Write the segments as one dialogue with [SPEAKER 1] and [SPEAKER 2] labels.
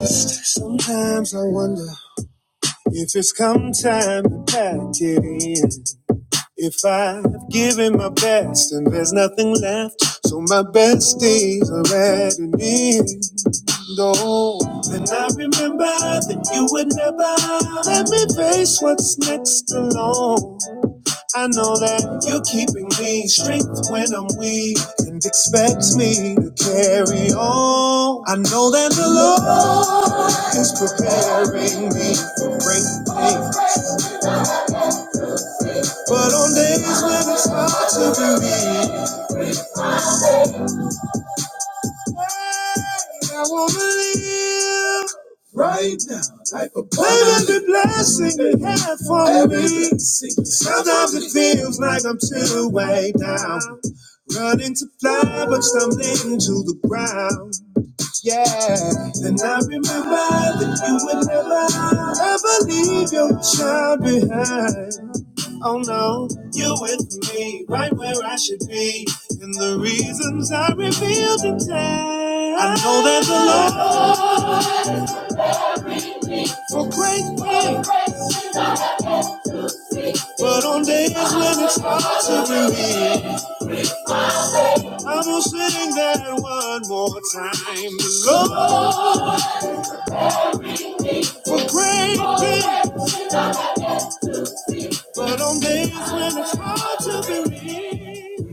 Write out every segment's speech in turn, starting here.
[SPEAKER 1] Sometimes I wonder if it's come time to pack it in. If I've given my best and there's nothing left, so my best days are at an end. Oh, and I remember that you would never let me face what's next alone. I know that you're keeping me strength when I'm weak and expect me to carry on. I know that the Lord is preparing me for great. But on days when it's hard to believe, hey, I won't believe. Right now, like a plan and blessing you have for Every me. blessing. Sometimes it feels like I'm too way down, running to fly but stumbling to the ground. Yeah, then I remember that you would never ever leave your child behind. Oh no, you're with me, right where I should be. And the reasons I revealed in time. I know there's a love for great things, but on days when it's hard to believe, I'm gonna sing that one more time. Love for great things, but on days when it's hard to believe.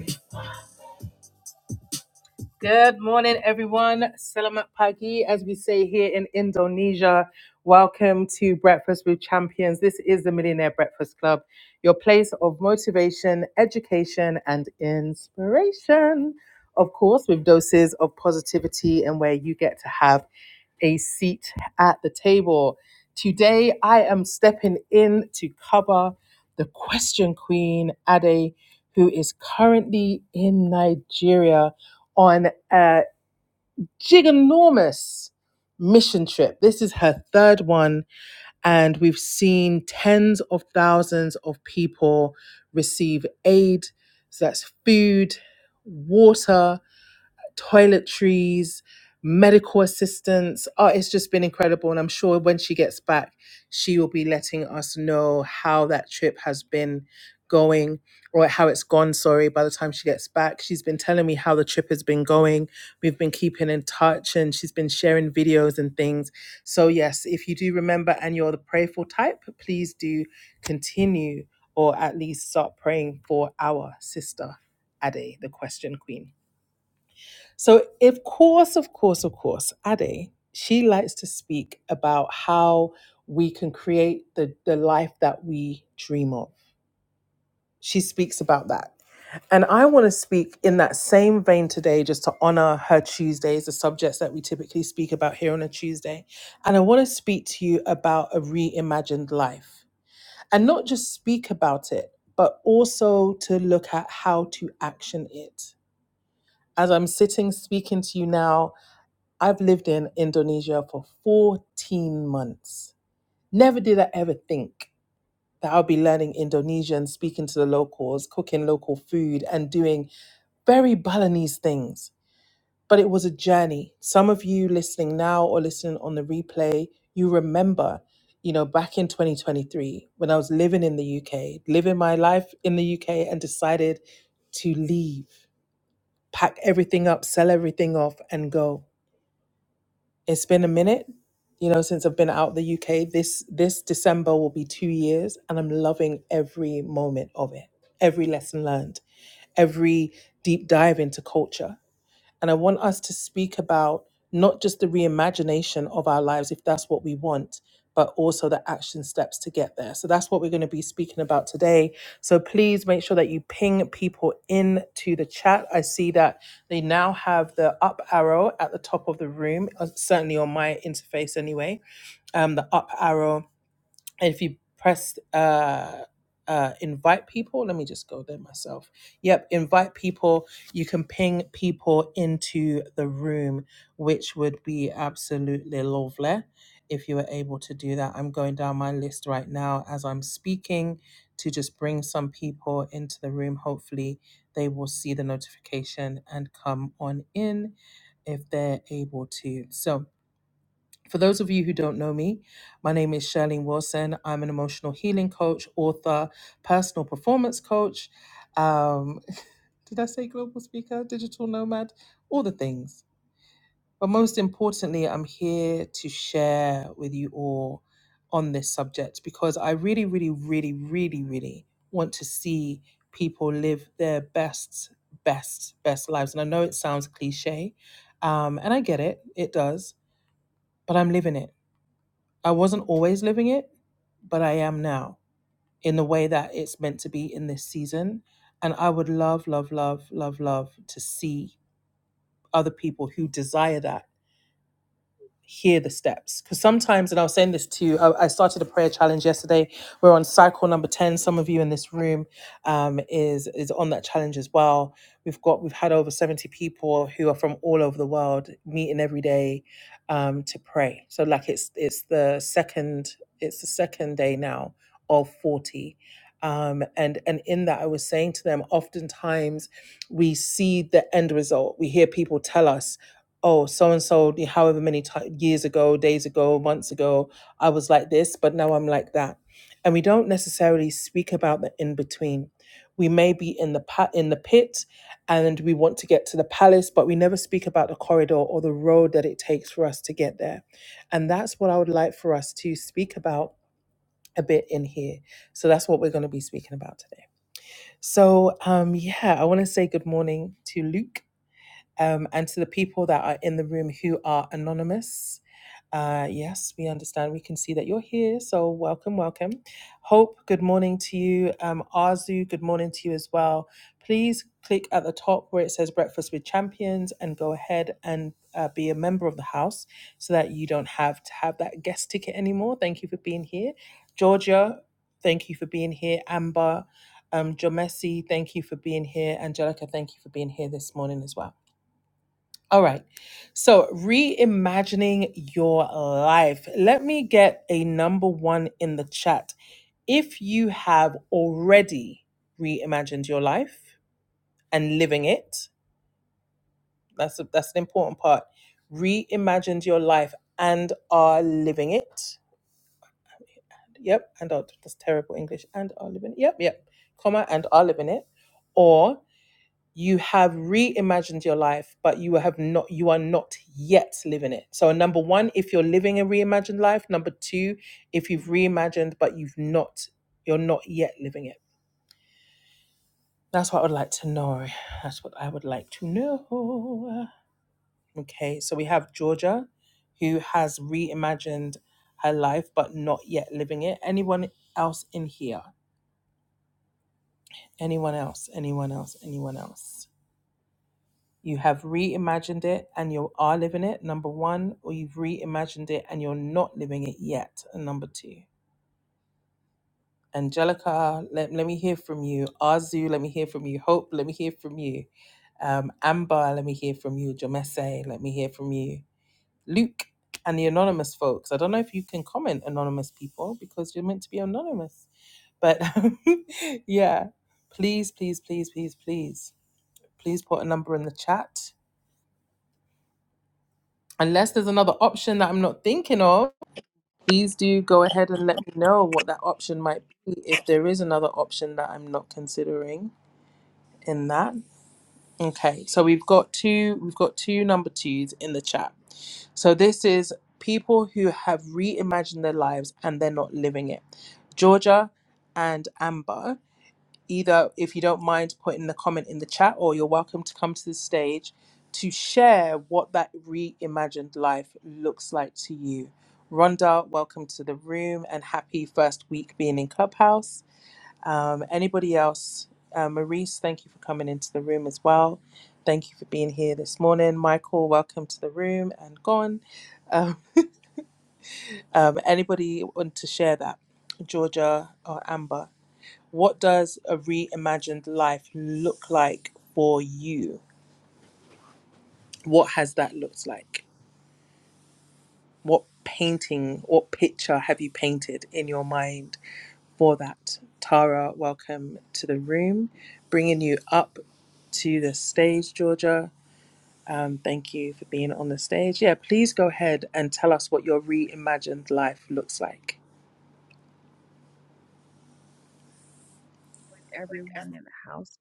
[SPEAKER 2] everyone in the house.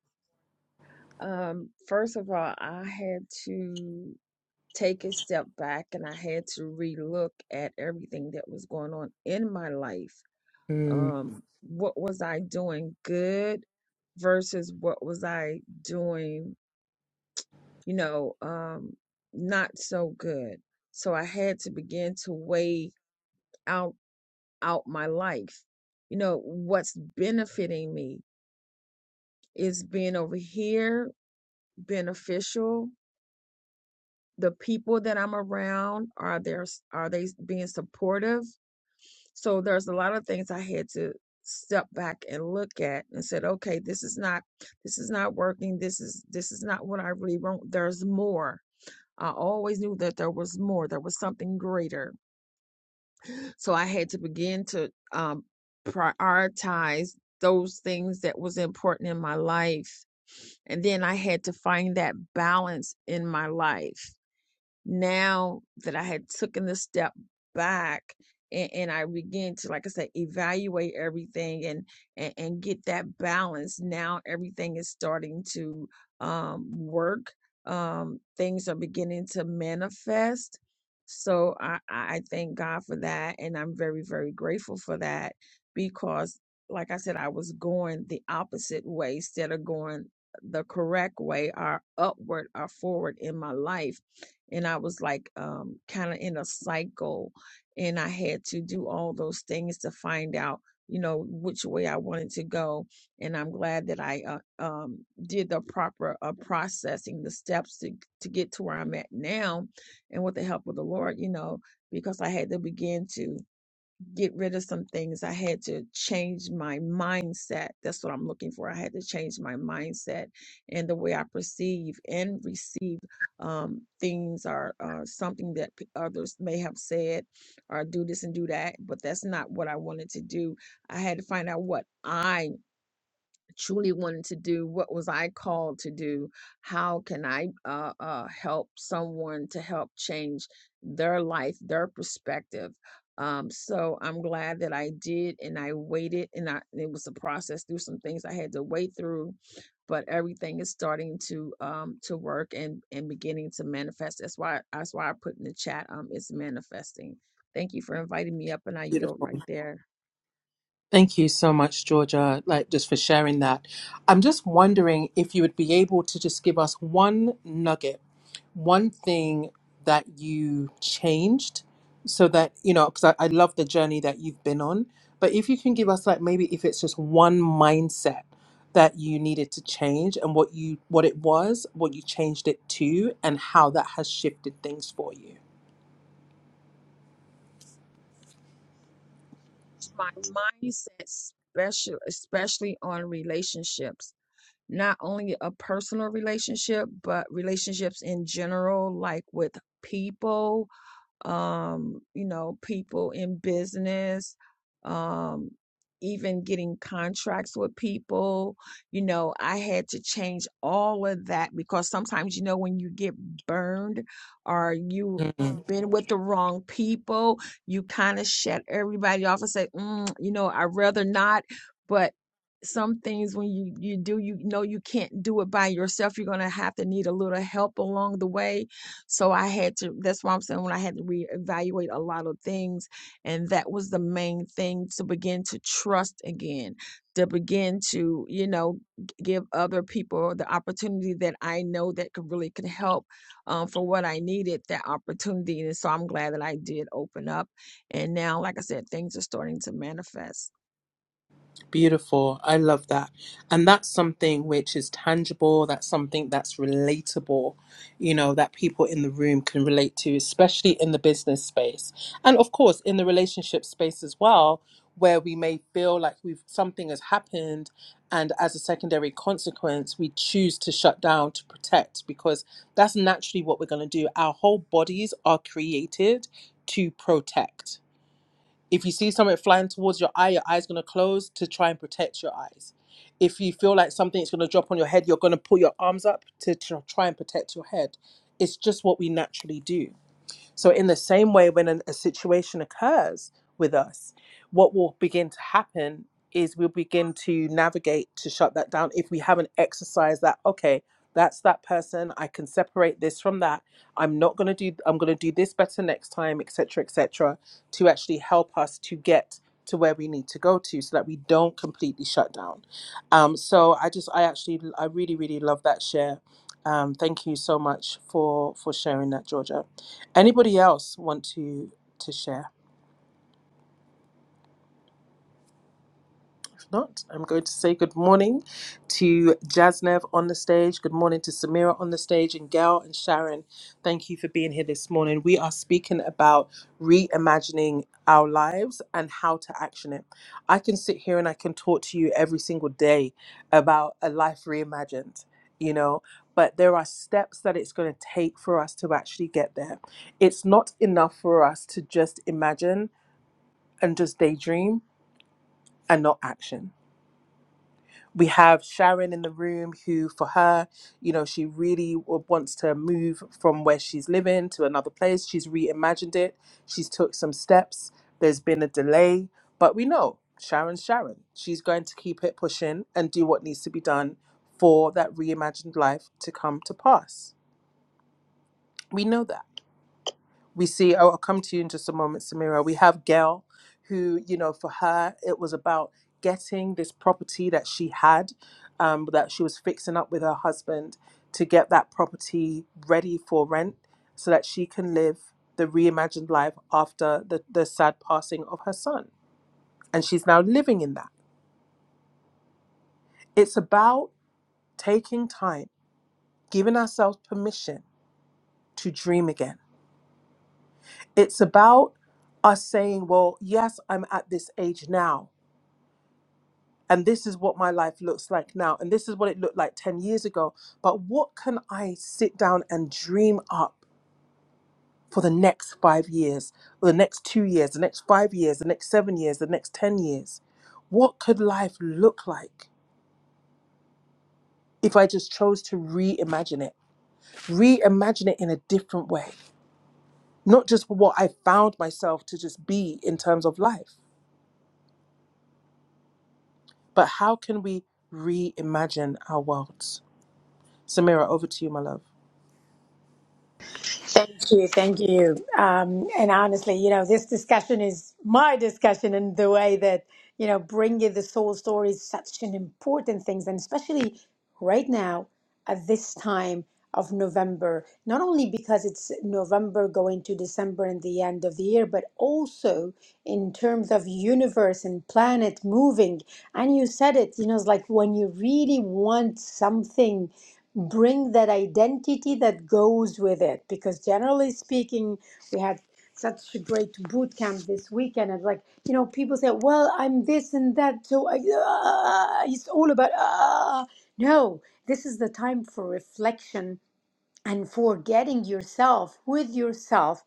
[SPEAKER 2] Um, first of all, I had to take a step back and I had to relook at everything that was going on in my life. Um, what was I doing good versus what was I doing, you know, um, not so good. So I had to begin to weigh out out my life. You know, what's benefiting me is being over here beneficial the people that I'm around are there are they being supportive? So there's a lot of things I had to step back and look at and said, okay, this is not this is not working. This is this is not what I really want. There's more. I always knew that there was more. There was something greater. So I had to begin to um, prioritize those things that was important in my life and then I had to find that balance in my life now that I had taken this step back and, and I began to, like I said, evaluate everything and, and and get that balance. Now everything is starting to um, work. Um, things are beginning to manifest. So I, I thank God for that, and I'm very very grateful for that because, like I said, I was going the opposite way instead of going the correct way, or upward or forward in my life and I was like um kind of in a cycle and I had to do all those things to find out you know which way I wanted to go and I'm glad that I uh, um did the proper uh, processing the steps to to get to where I'm at now and with the help of the Lord you know because I had to begin to get rid of some things. I had to change my mindset. That's what I'm looking for. I had to change my mindset and the way I perceive and receive um, things or uh, something that p- others may have said or do this and do that, but that's not what I wanted to do. I had to find out what I truly wanted to do what was i called to do how can i uh, uh, help someone to help change their life their perspective um, so i'm glad that i did and i waited and I, it was a process through some things i had to wait through but everything is starting to um, to work and and beginning to manifest that's why that's why i put in the chat um, it's manifesting thank you for inviting me up and i yield right there my mindset, special, especially on relationships, not only a personal relationship, but relationships in general, like with people, um, you know, people in business, um, even getting contracts with people. You know, I had to change all of that because sometimes, you know, when you get burned or you been with the wrong people, you kind of shut everybody off and say, mm, you know, I'd rather not. But some things when you you do you know you can't do it by yourself you're going to have to need a little help along the way so I had to, that's why I'm saying when I had to reevaluate a lot of things. And that was the main thing to begin to trust again, to begin to, you know, g- give other people the opportunity that I know that could really could help um, for what I needed, that opportunity. And so I'm glad that I did open up. And now, like I said, things are starting to manifest.
[SPEAKER 3] Thank you, thank you. Um, and honestly, you know, this discussion is my discussion, and the way that you know, bringing the soul story is such an important thing, and especially right now at this time of November. Not only because it's November going to December and the end of the year, but also in terms of universe and planet moving. And you said it, you know, it's like when you really want something bring that identity that goes with it because generally speaking we had such a great boot camp this weekend and like you know people say well i'm this and that so I, uh, it's all about uh. uh, uh." no this is the time for reflection and for getting yourself with yourself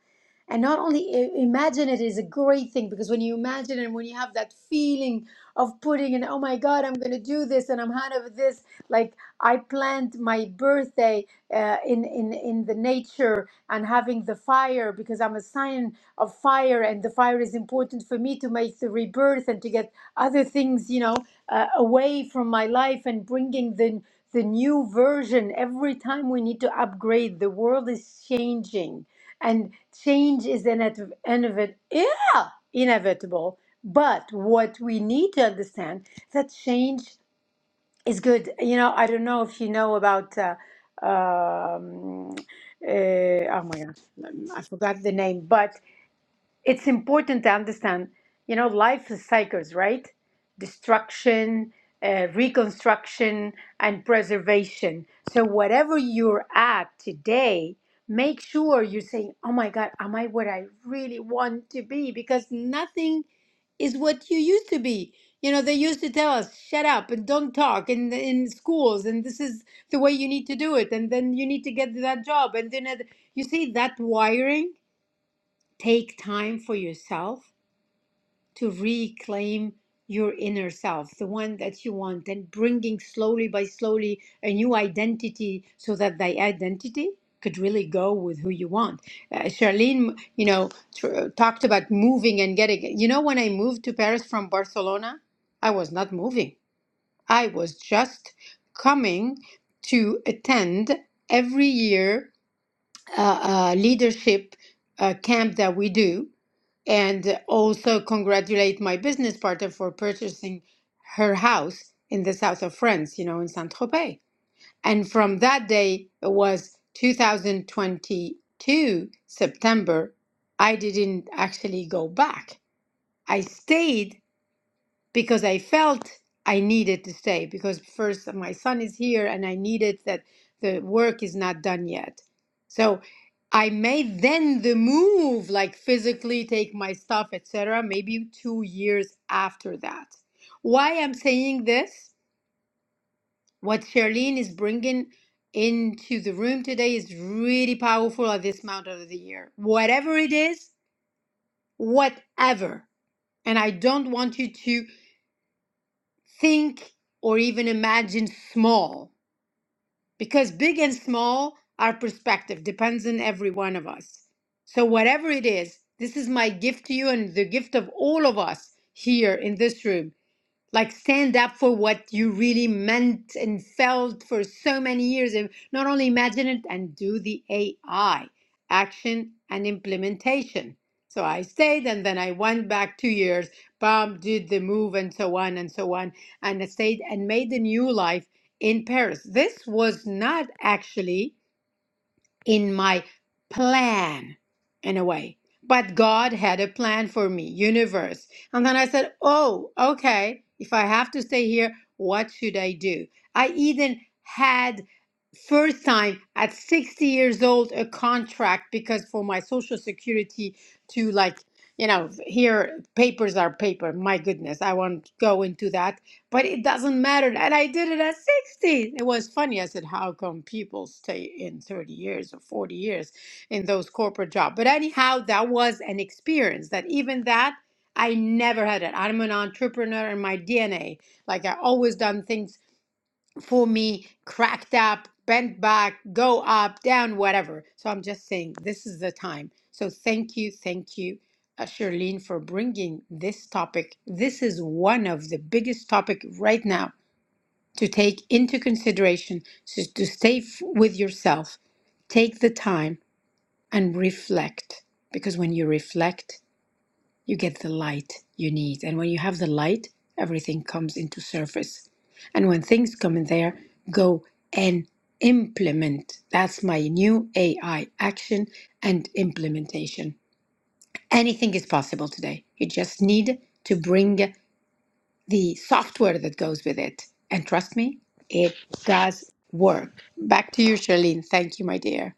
[SPEAKER 3] and not only i- imagine it is a great thing because when you imagine and when you have that feeling of putting in, oh my God, I'm going to do this and I'm out of this. Like I planned my birthday uh, in, in, in the nature and having the fire because I'm a sign of fire and the fire is important for me to make the rebirth and to get other things, you know, uh, away from my life and bringing the, the new version. Every time we need to upgrade, the world is changing and change is inevit- inevit- yeah, inevitable. But what we need to understand that change is good. You know, I don't know if you know about. Uh, um, uh, oh my god, I forgot the name, but it's important to understand, you know, life is cycles, right? Destruction, uh, reconstruction, and preservation. So whatever you're at today, make sure you're saying, "Oh my God, am I what I really want to be?" Because nothing is what you used to be. You know, they used to tell us, "Shut up and don't talk," in in schools, and this is the way you need to do it, and then you need to get that job, and then it- you see that wiring take time for yourself to reclaim your inner self, the one that you want, and bringing slowly by slowly a new identity so that the identity could really go with who you want. Uh, Charlene, you know, tr- talked about moving and getting. You know, when I moved to Paris from Barcelona, I was not moving, I was just coming to attend every year uh, uh, leadership uh, camp that we do and also congratulate my business partner for purchasing her house in the south of France, you know, in Saint Tropez. And from that day, it was 2022 September. I didn't actually go back. I stayed because I felt I needed to stay because first uh, my son is here and I needed that the work is not done yet. So I made then the move, like physically take my stuff, etc. Maybe two years after that. Why I'm saying this, what Charlene is bringing into the room today is really powerful at this mountain of the year. Whatever it is, whatever. And I don't want you to think or even imagine small because big and small our perspective depends on every one of us so whatever it is this is my gift to you and the gift of all of us here in this room like stand up for what you really meant and felt for so many years and not only imagine it and do the AI action and implementation. So I stayed and then I went back two years, Bob did the move and so on and so on, and I stayed and made the new life in Paris. This was not actually in my plan in a way. But God had a plan for me, universe. And then I said, oh, okay, if I have to stay here, what should I do? I even had first time at 60 years old a contract because for my social security to like you know here papers are paper my goodness i won't go into that but it doesn't matter. And I did it at 16. It was funny. I said, how come people stay in 30 years or 40 years in those corporate jobs? But anyhow, that was an experience that even that, I never had it. I'm an entrepreneur in my DNA. Like I always done things for me, cracked up, bent back, go up, down, whatever. So I'm just saying this is the time. So thank you, thank you, uh, Shirlene, for bringing this topic. This is one of the biggest topic right now to take into consideration. So to stay f- with yourself, take the time and reflect. Because when you reflect, you get the light you need. And when you have the light, everything comes into surface. And when things come in there, go and implement. That's my new AI action and implementation. Anything is possible today. You just need to bring the software that goes with it. And trust me, it does work. Back to you, Charlene. Thank you, my dear.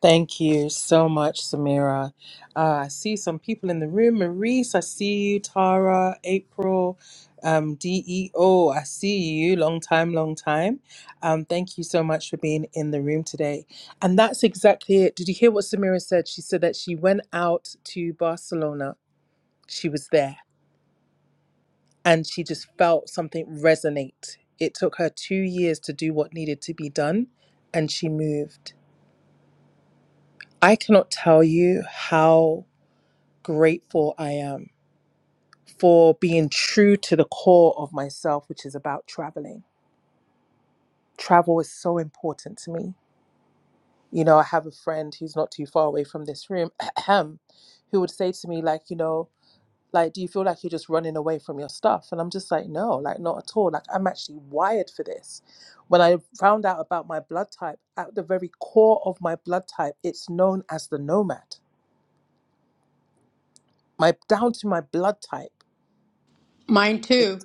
[SPEAKER 3] Mine too.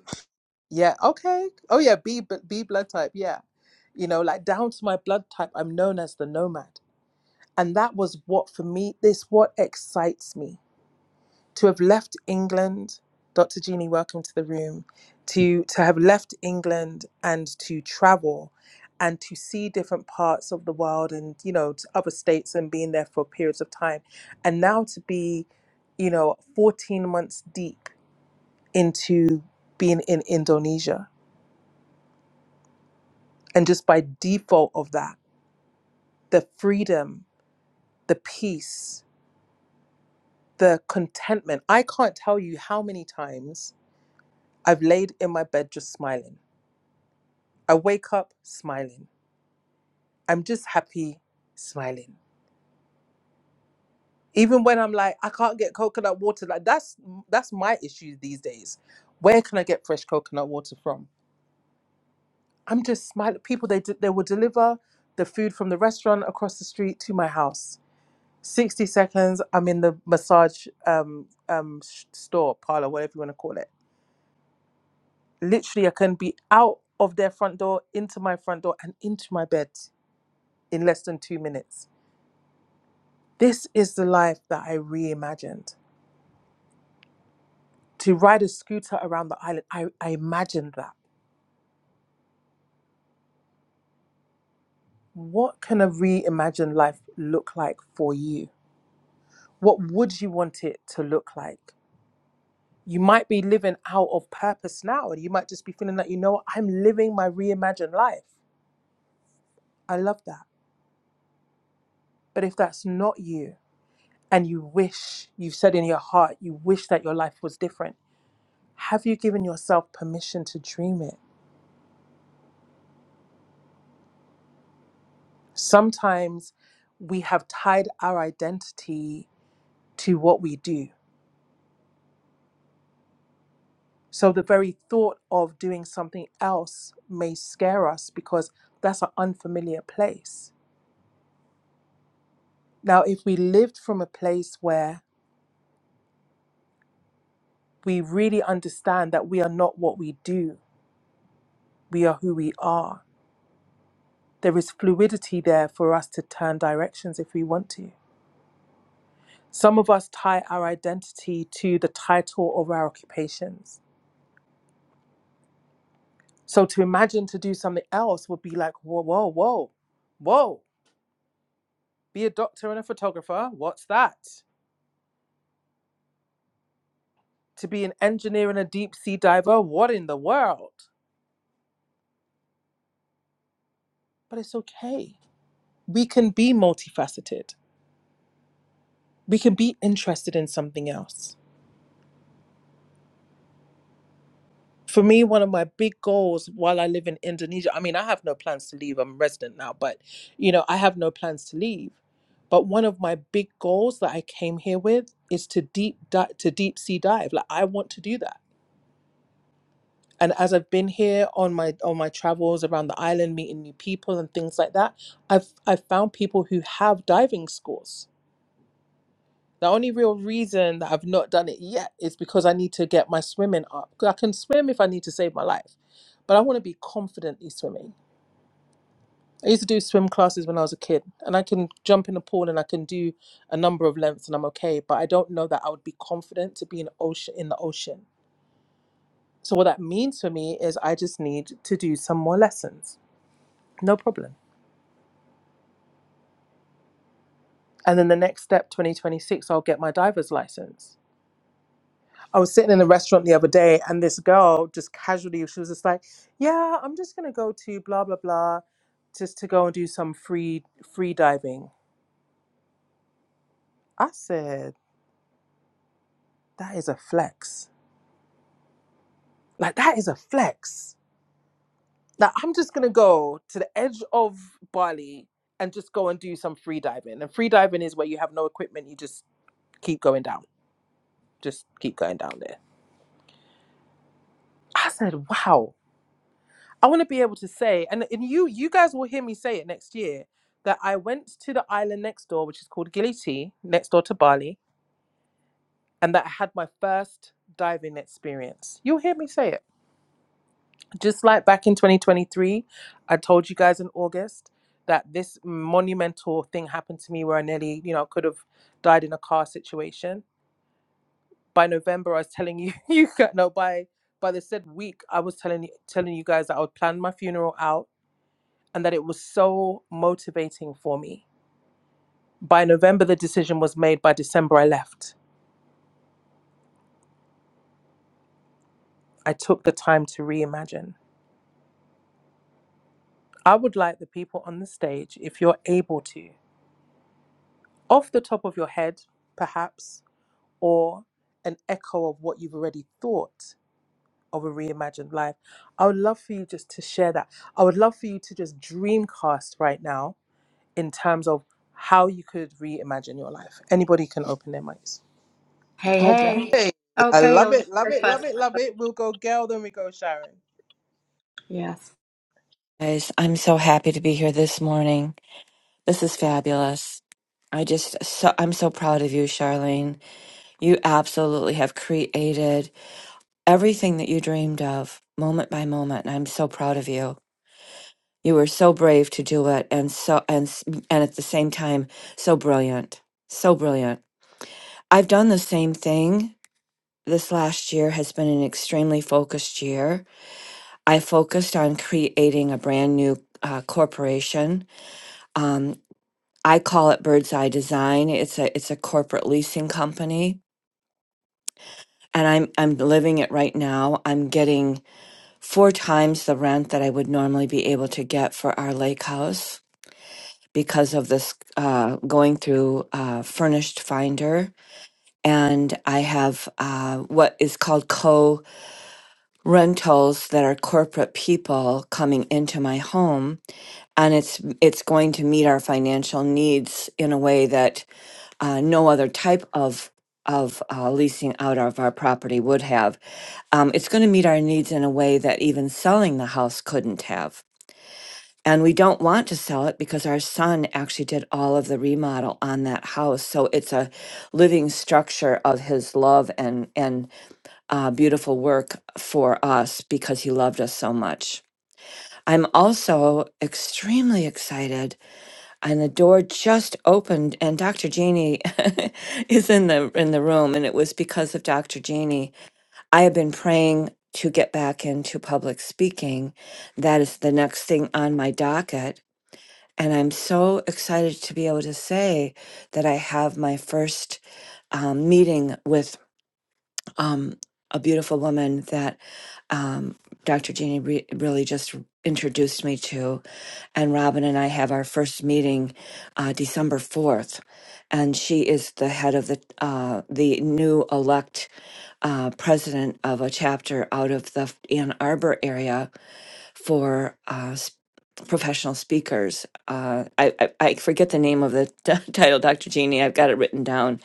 [SPEAKER 4] Hey,
[SPEAKER 5] Hi,
[SPEAKER 4] hey. Oh, Gail, you go first. Yes.
[SPEAKER 5] guys. I'm so happy to be here this morning. This is fabulous. I just so I'm so proud of you, Charlene. You absolutely have created everything that you dreamed of, moment by moment, and I'm so proud of you. You were so brave to do it and so and s- and at the same time so brilliant. So brilliant. I've done the same thing. This last year has been an extremely focused year. I focused on creating a brand new uh, corporation um, I call it Bird's Eye Design. It's a it's a corporate leasing company, and I'm I'm living it right now. I'm getting four times the rent that I would normally be able to get for our lake house because of this uh, going through uh, furnished finder, and I have uh, what is called co rentals that are corporate people coming into my home, and it's it's going to meet our financial needs in a way that uh, no other type of of uh, leasing out of our property would have. Um, it's going to meet our needs in a way that even selling the house couldn't have. And we don't want to sell it because our son actually did all of the remodel on that house. So it's a living structure of his love and and uh, beautiful work for us because he loved us so much. I'm also extremely excited and the door just opened and Dr. Jeannie is in the in the room and it was because of Dr. Jeannie. I have been praying to get back into public speaking. That is the next thing on my docket. And I'm so excited to be able to say that I have my first um, meeting with um, a beautiful woman that um, Dr. Jeannie re- really just introduced me to. And Robin and I have our first meeting uh, December 4th. And she is the head of the, uh, the new elect uh, president of a chapter out of the Ann Arbor area for uh, s- professional speakers uh, I, I I forget the name of the t- title, Dr. Genie. I've got it written down.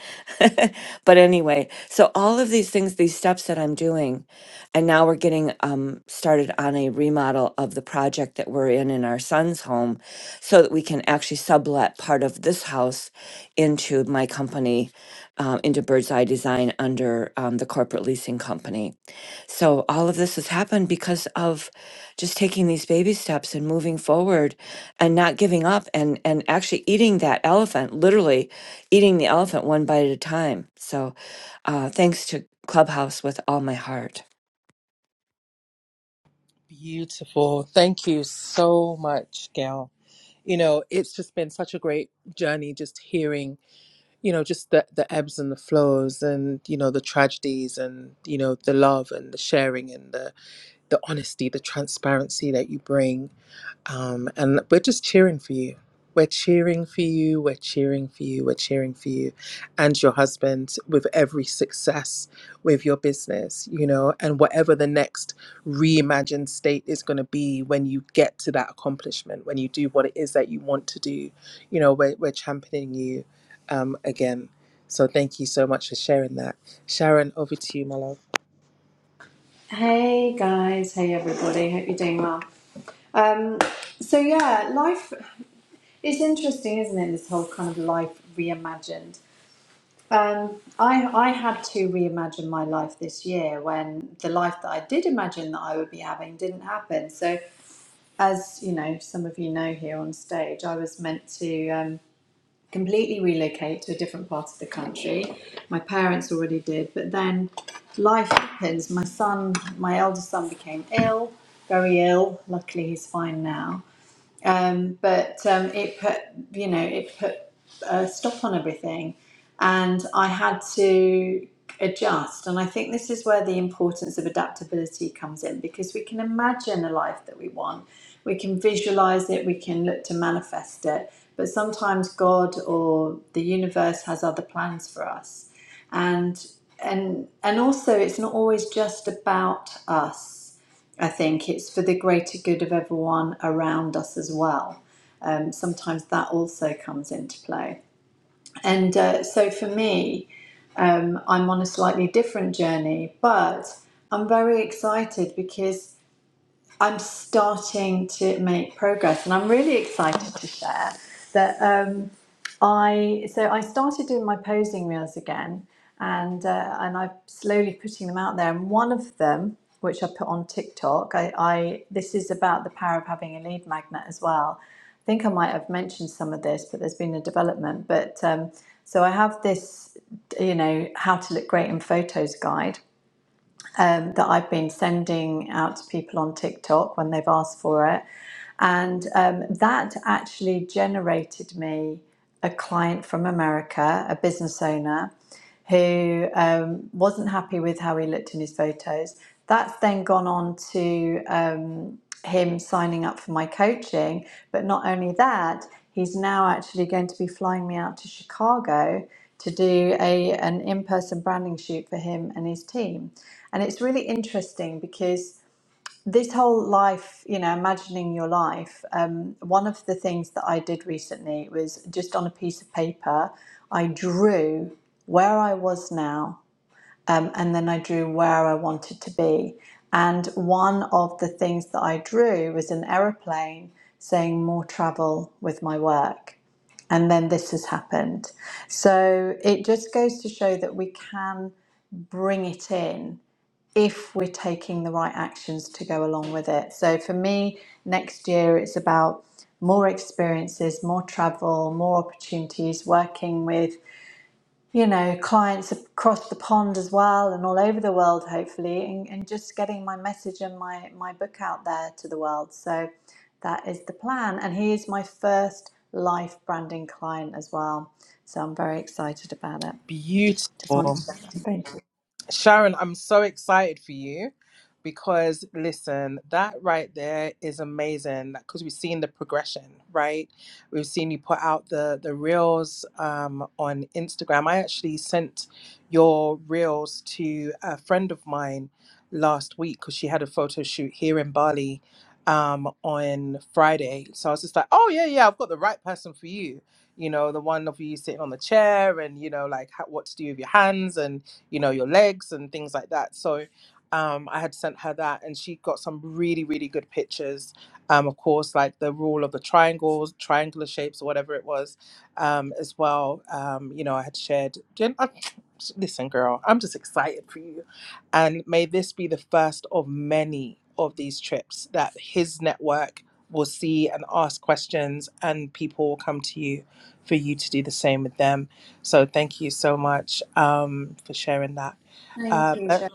[SPEAKER 5] but anyway, so all of these things, these steps that I'm doing, and now we're getting um, started on a remodel of the project that we're in in our son's home, so that we can actually sublet part of this house into my company, um, into Bird's Eye Design under um, the corporate leasing company. So all of this has happened because of just taking these baby steps and moving forward and not giving up and and actually eating that elephant literally eating the elephant one bite at a time so uh thanks to clubhouse with all my heart
[SPEAKER 4] Hey guys, hey everybody, hope you're doing well. Um, so yeah, life is interesting, isn't it? This whole kind of life reimagined. Um, I I had to reimagine my life this year when the life that I did imagine that I would be having didn't happen. So, as you know, some of you know here on stage, I was meant to. Um, completely relocate to a different part of the country. My parents already did, but then life happens. My son, my eldest son, became ill, very ill. Luckily, he's fine now um, but um, it put you know it put a stop on everything, and I had to adjust. And I think this is where the importance of adaptability comes in because we can imagine a life that we want, we can visualize it, we can look to manifest it, but sometimes God or the universe has other plans for us, and and and also it's not always just about us I think it's for the greater good of everyone around us as well. Um, sometimes that also comes into play. And uh, so for me, um, I'm on a slightly different journey, but I'm very excited because I'm starting to make progress, and I'm really excited to share that um, I so I started doing my posing reels again, and uh, and I'm slowly putting them out there. And one of them, which I put on TikTok, I, I this is about the power of having a lead magnet as well. I think I might have mentioned some of this, but there's been a development. But um, so I have this, you know, how to look great in photos guide um, that I've been sending out to people on TikTok when they've asked for it. And um, that actually generated me a client from America, a business owner who um, wasn't happy with how he looked in his photos. That's then gone on to um, him signing up for my coaching. But not only that, he's now actually going to be flying me out to Chicago to do a an in person branding shoot for him and his team. And it's really interesting because this whole life, you know, imagining your life, um, one of the things that I did recently was just on a piece of paper, I drew where I was now, um, and then I drew where I wanted to be. And one of the things that I drew was an aeroplane saying more travel with my work. And then this has happened. So it just goes to show that we can bring it in if we're taking the right actions to go along with it. So for me, next year it's about more experiences, more travel, more opportunities, working with, you know, clients across the pond as well and all over the world, hopefully, and, and just getting my message and my, my book out there to the world. So that is the plan. And he is my first life branding client as well. So I'm very excited about it. Just wanted to share that. Thank you. Thank you, Sharon.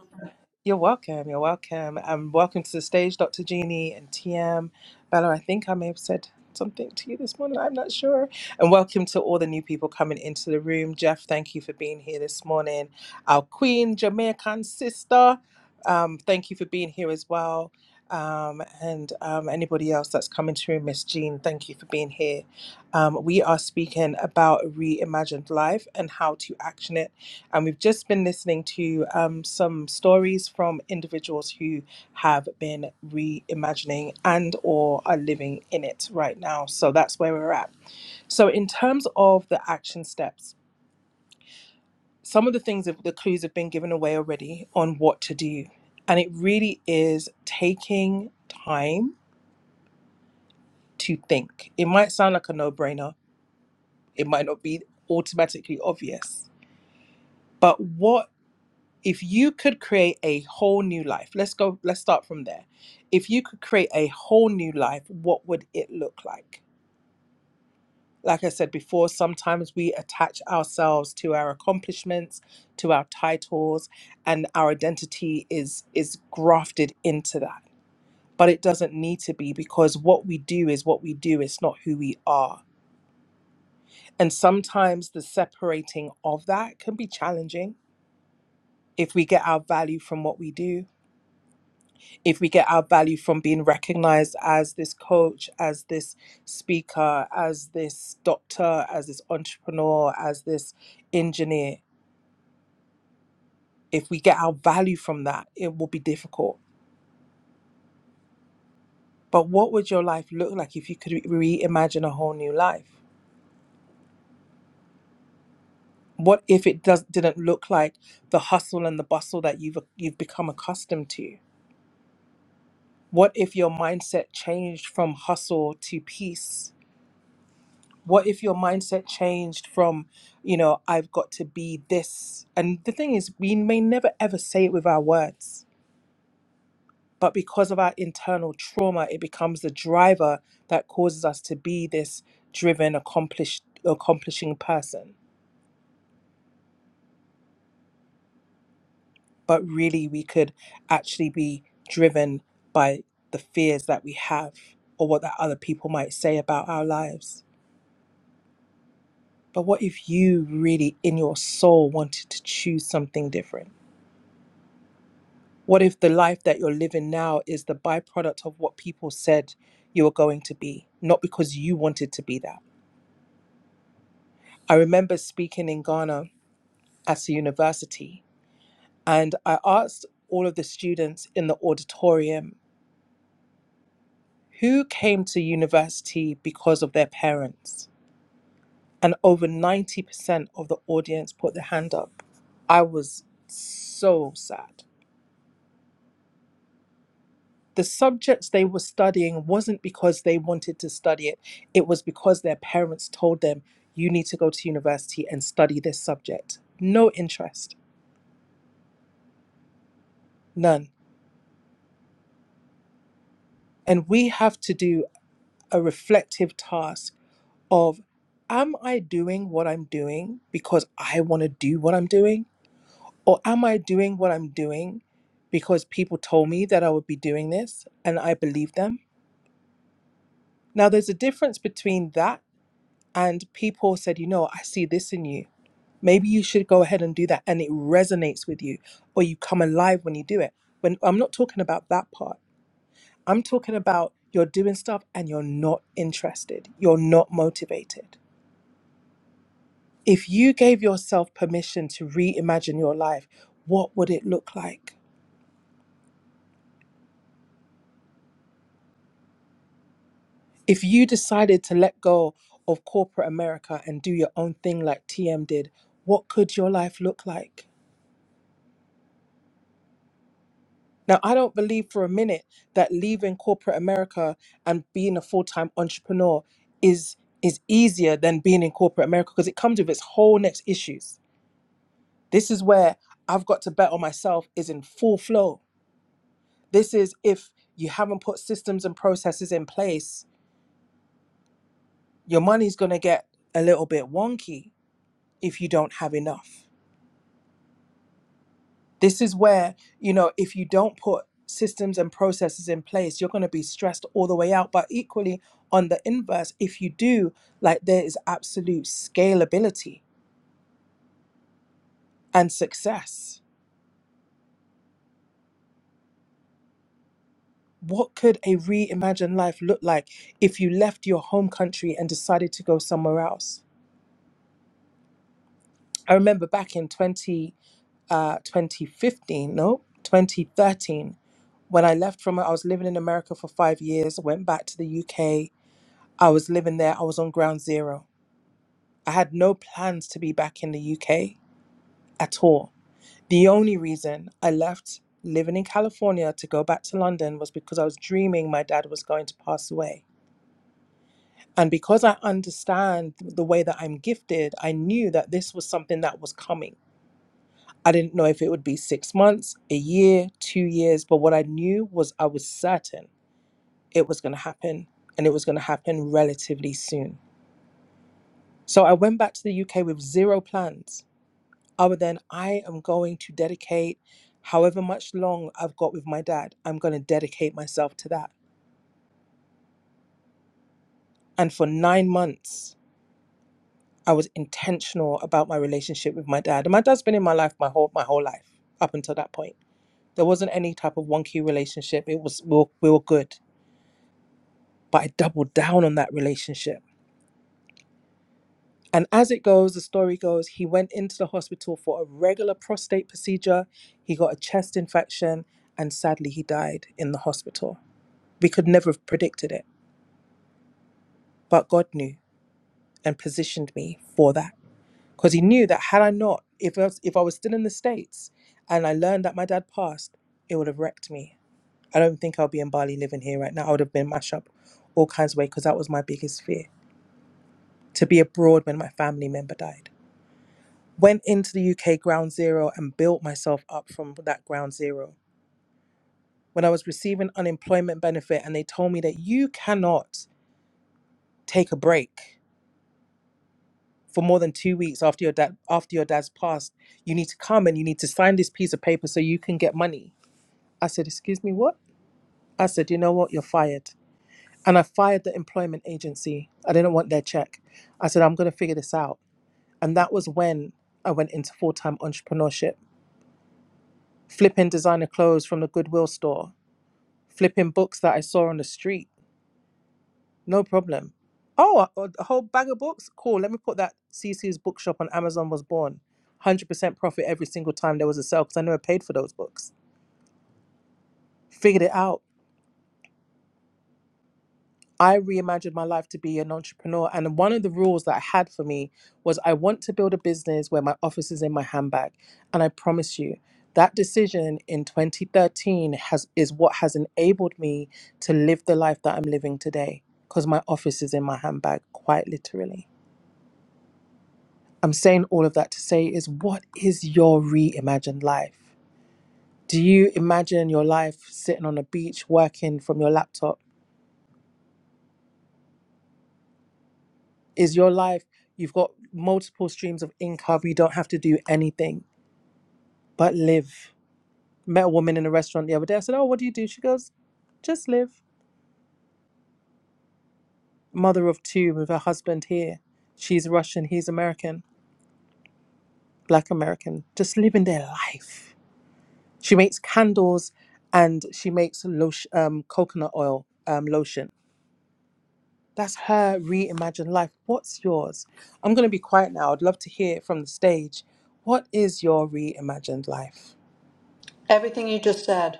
[SPEAKER 4] Everything you just said.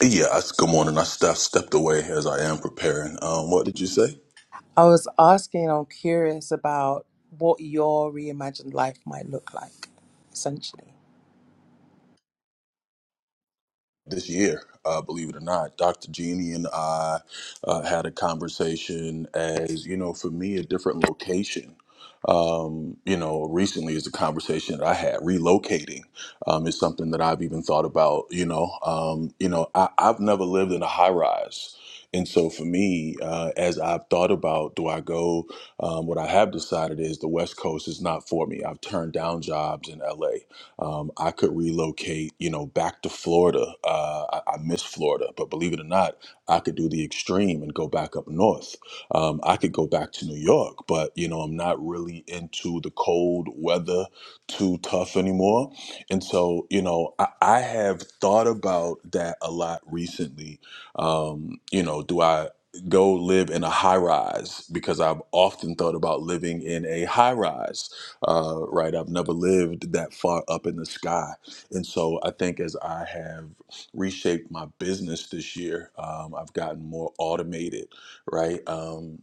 [SPEAKER 6] Yeah, I, good morning. I, st- I stepped away as I am preparing. Um, what did you say? this year, uh, believe it or not. Dr. Jeannie and I uh, had a conversation as, you know, for me, a different location. Um, you know, recently is a conversation that I had. Relocating um, is something that I've even thought about. You know, um, you know, I, I've never lived in a high rise, and so for me, uh, as I've thought about, do I go? Um, what I have decided is the West Coast is not for me. I've turned down jobs in LA um, I could relocate, you know, back to Florida. Uh, I, I miss Florida, but believe it or not, I could do the extreme and go back up north. Um, I could go back to New York, but you know, I'm not really into the cold weather too tough anymore. And so, you know, I, I have thought about that a lot recently. Um, you know, do I go live in a high rise because I've often thought about living in a high rise uh, right? I've never lived that far up in the sky. And so I think as I have reshaped my business this year, um, I've gotten more automated, right? Um,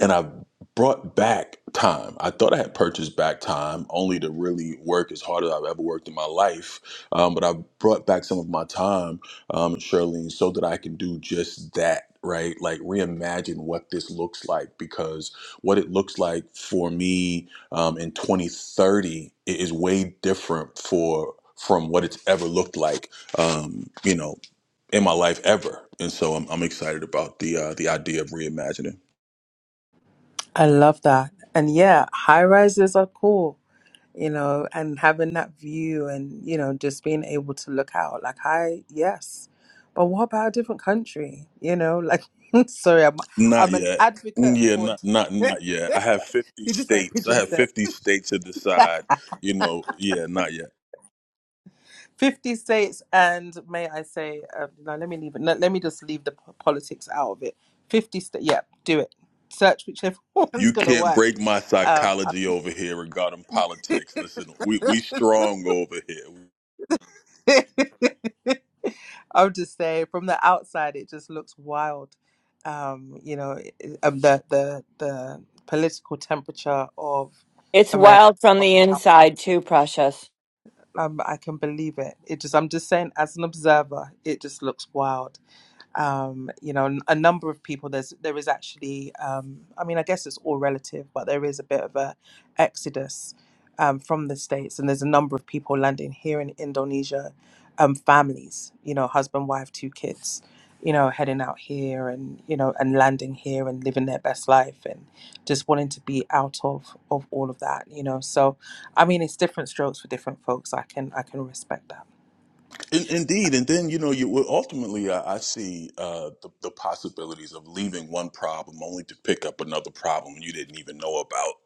[SPEAKER 6] and I brought back time. I thought I had purchased back time only to really work as hard as I've ever worked in my life. Um, but I brought back some of my time, um, Shirlene, so that I can do just that. Right, like reimagine what this looks like because what it looks like for me um, in 2030 is way different for from what it's ever looked like, um, you know, in my life ever. And so I'm, I'm excited about the uh, the idea of reimagining. Not yet. Mm, Yeah, not not not yet. I have fifty states. I have fifty states to decide. You know, yeah, not yet. You can't break my psychology over here regarding politics. Listen, we we strong over here.
[SPEAKER 5] It's wild from the inside too, Precious.
[SPEAKER 6] In, indeed, and then you know, you well, ultimately I, I see uh, the, the possibilities of leaving one problem only to pick up another problem you didn't even know about.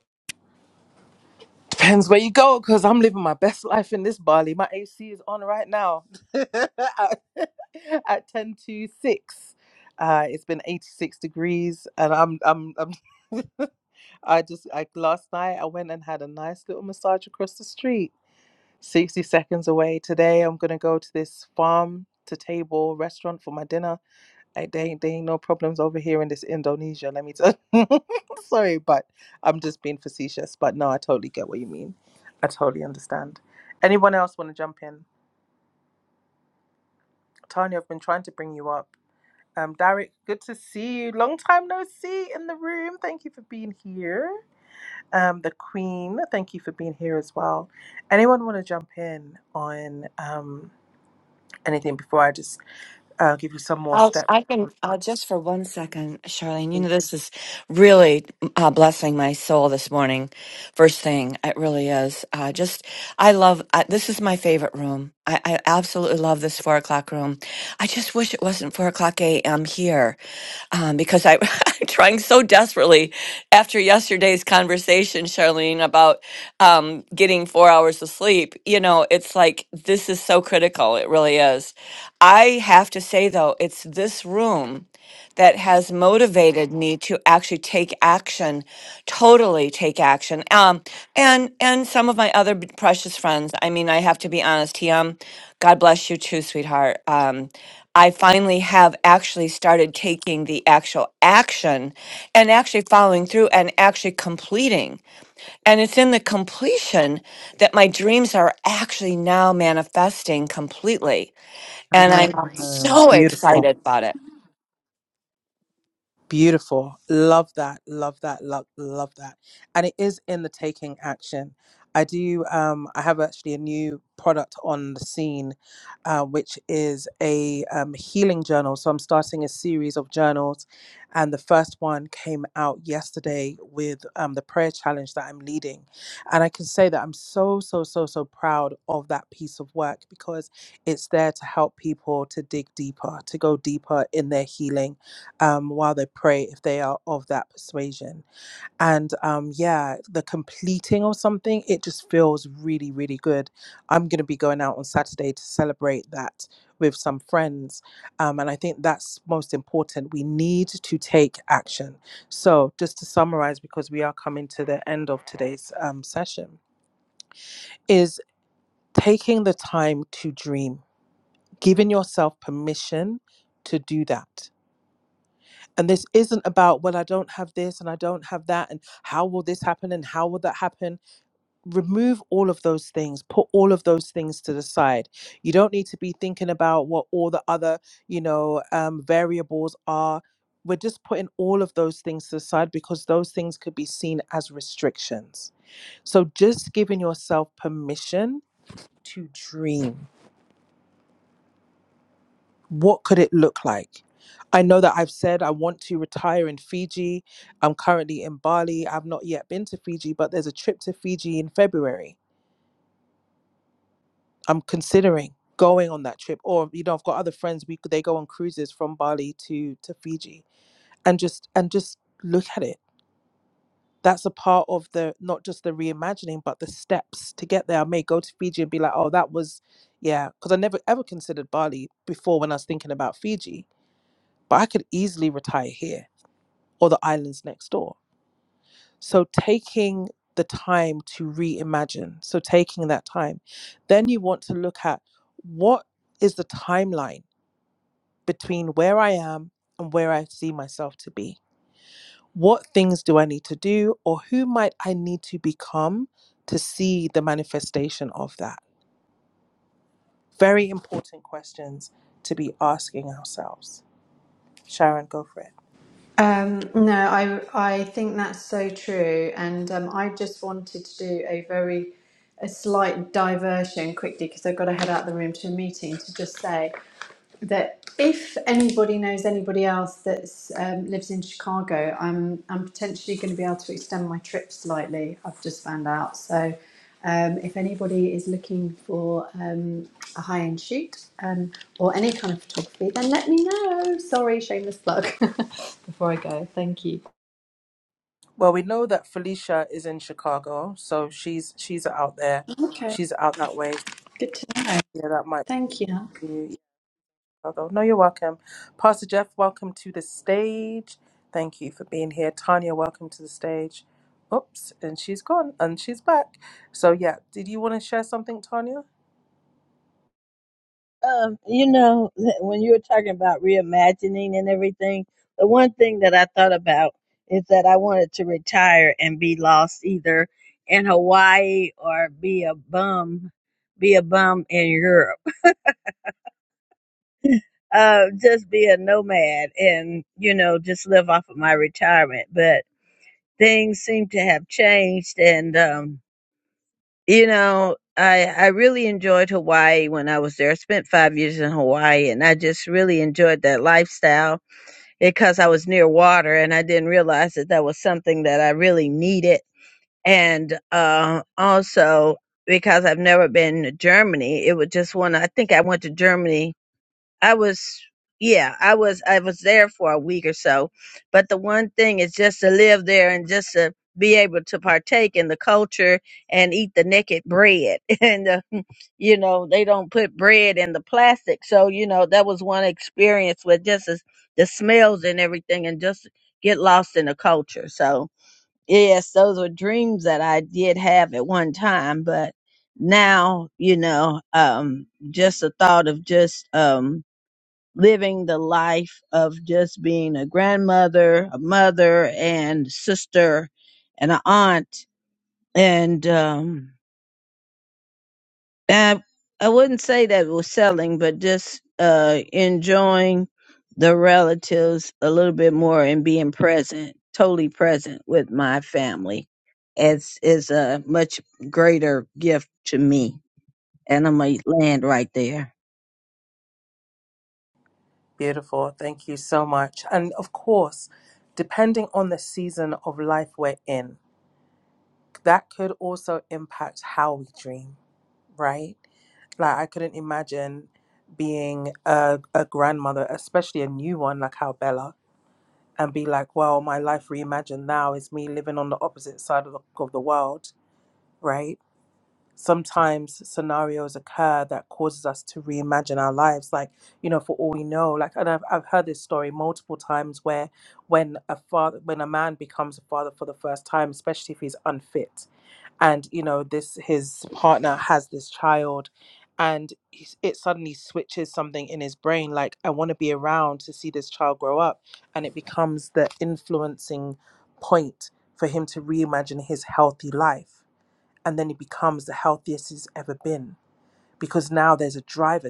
[SPEAKER 5] I'll, I can uh, just for one second, Charlene. You know this is really uh, blessing my soul this morning. First thing, it really is. Uh, just I love I, this is my favorite room. I, I absolutely love this four o'clock room. I just wish it wasn't four o'clock a.m. here um, because I, I'm trying so desperately after yesterday's conversation, Charlene, about um, getting four hours of sleep, you know, it's like this is so critical. It really is. I have to say, though, it's this room that has motivated me to actually take action, totally take action. Um, and and some of my other b- precious friends. I mean, I have to be honest, TM, God bless you too, sweetheart. Um, I finally have actually started taking the actual action and actually following through and actually completing. And it's in the completion that my dreams are actually now manifesting completely. And I'm Wow. so excited about it.
[SPEAKER 4] Um, no, I I think that's so true, and um, I just wanted to do a very a slight diversion quickly because I've got to head out the room to a meeting to just say that if anybody knows anybody else that um, lives in Chicago, I'm I'm potentially going to be able to extend my trip slightly. I've just found out. So, um, if anybody is looking for um, a high end shoot um, or any kind of photography, then let me know. Sorry, shameless plug. Before I go, thank you. Okay, good to know. Thank you.
[SPEAKER 7] Um, you know, when you were talking about reimagining and everything, the one thing that I thought about is that I wanted to retire and be lost either in Hawaii or be a bum, be a bum in Europe. Uh, just be a nomad and, you know, just live off of my retirement. But things seem to have changed and, um, you know, I, I really enjoyed Hawaii when I was there. I spent five years in Hawaii and I just really enjoyed that lifestyle because I was near water and I didn't realize that that was something that I really needed. And uh, also because I've never been to Germany, it was just one. I think I went to Germany. I was, yeah, I was, I was there for a week or so. But the one thing is just to live there and just to be able to partake in the culture and eat the naked bread and the you know they don't put bread in the plastic so you know that was one experience with just as the smells and everything and just get lost in the culture so yes those were dreams that i did have at one time but now you know um just the thought of just um living the life of just being a grandmother a mother and sister and an aunt and um I, I wouldn't say that we're selling, but just uh, enjoying the relatives a little bit more and being present, totally present with my family. It's is a much greater gift to me, and I'm gonna land right there.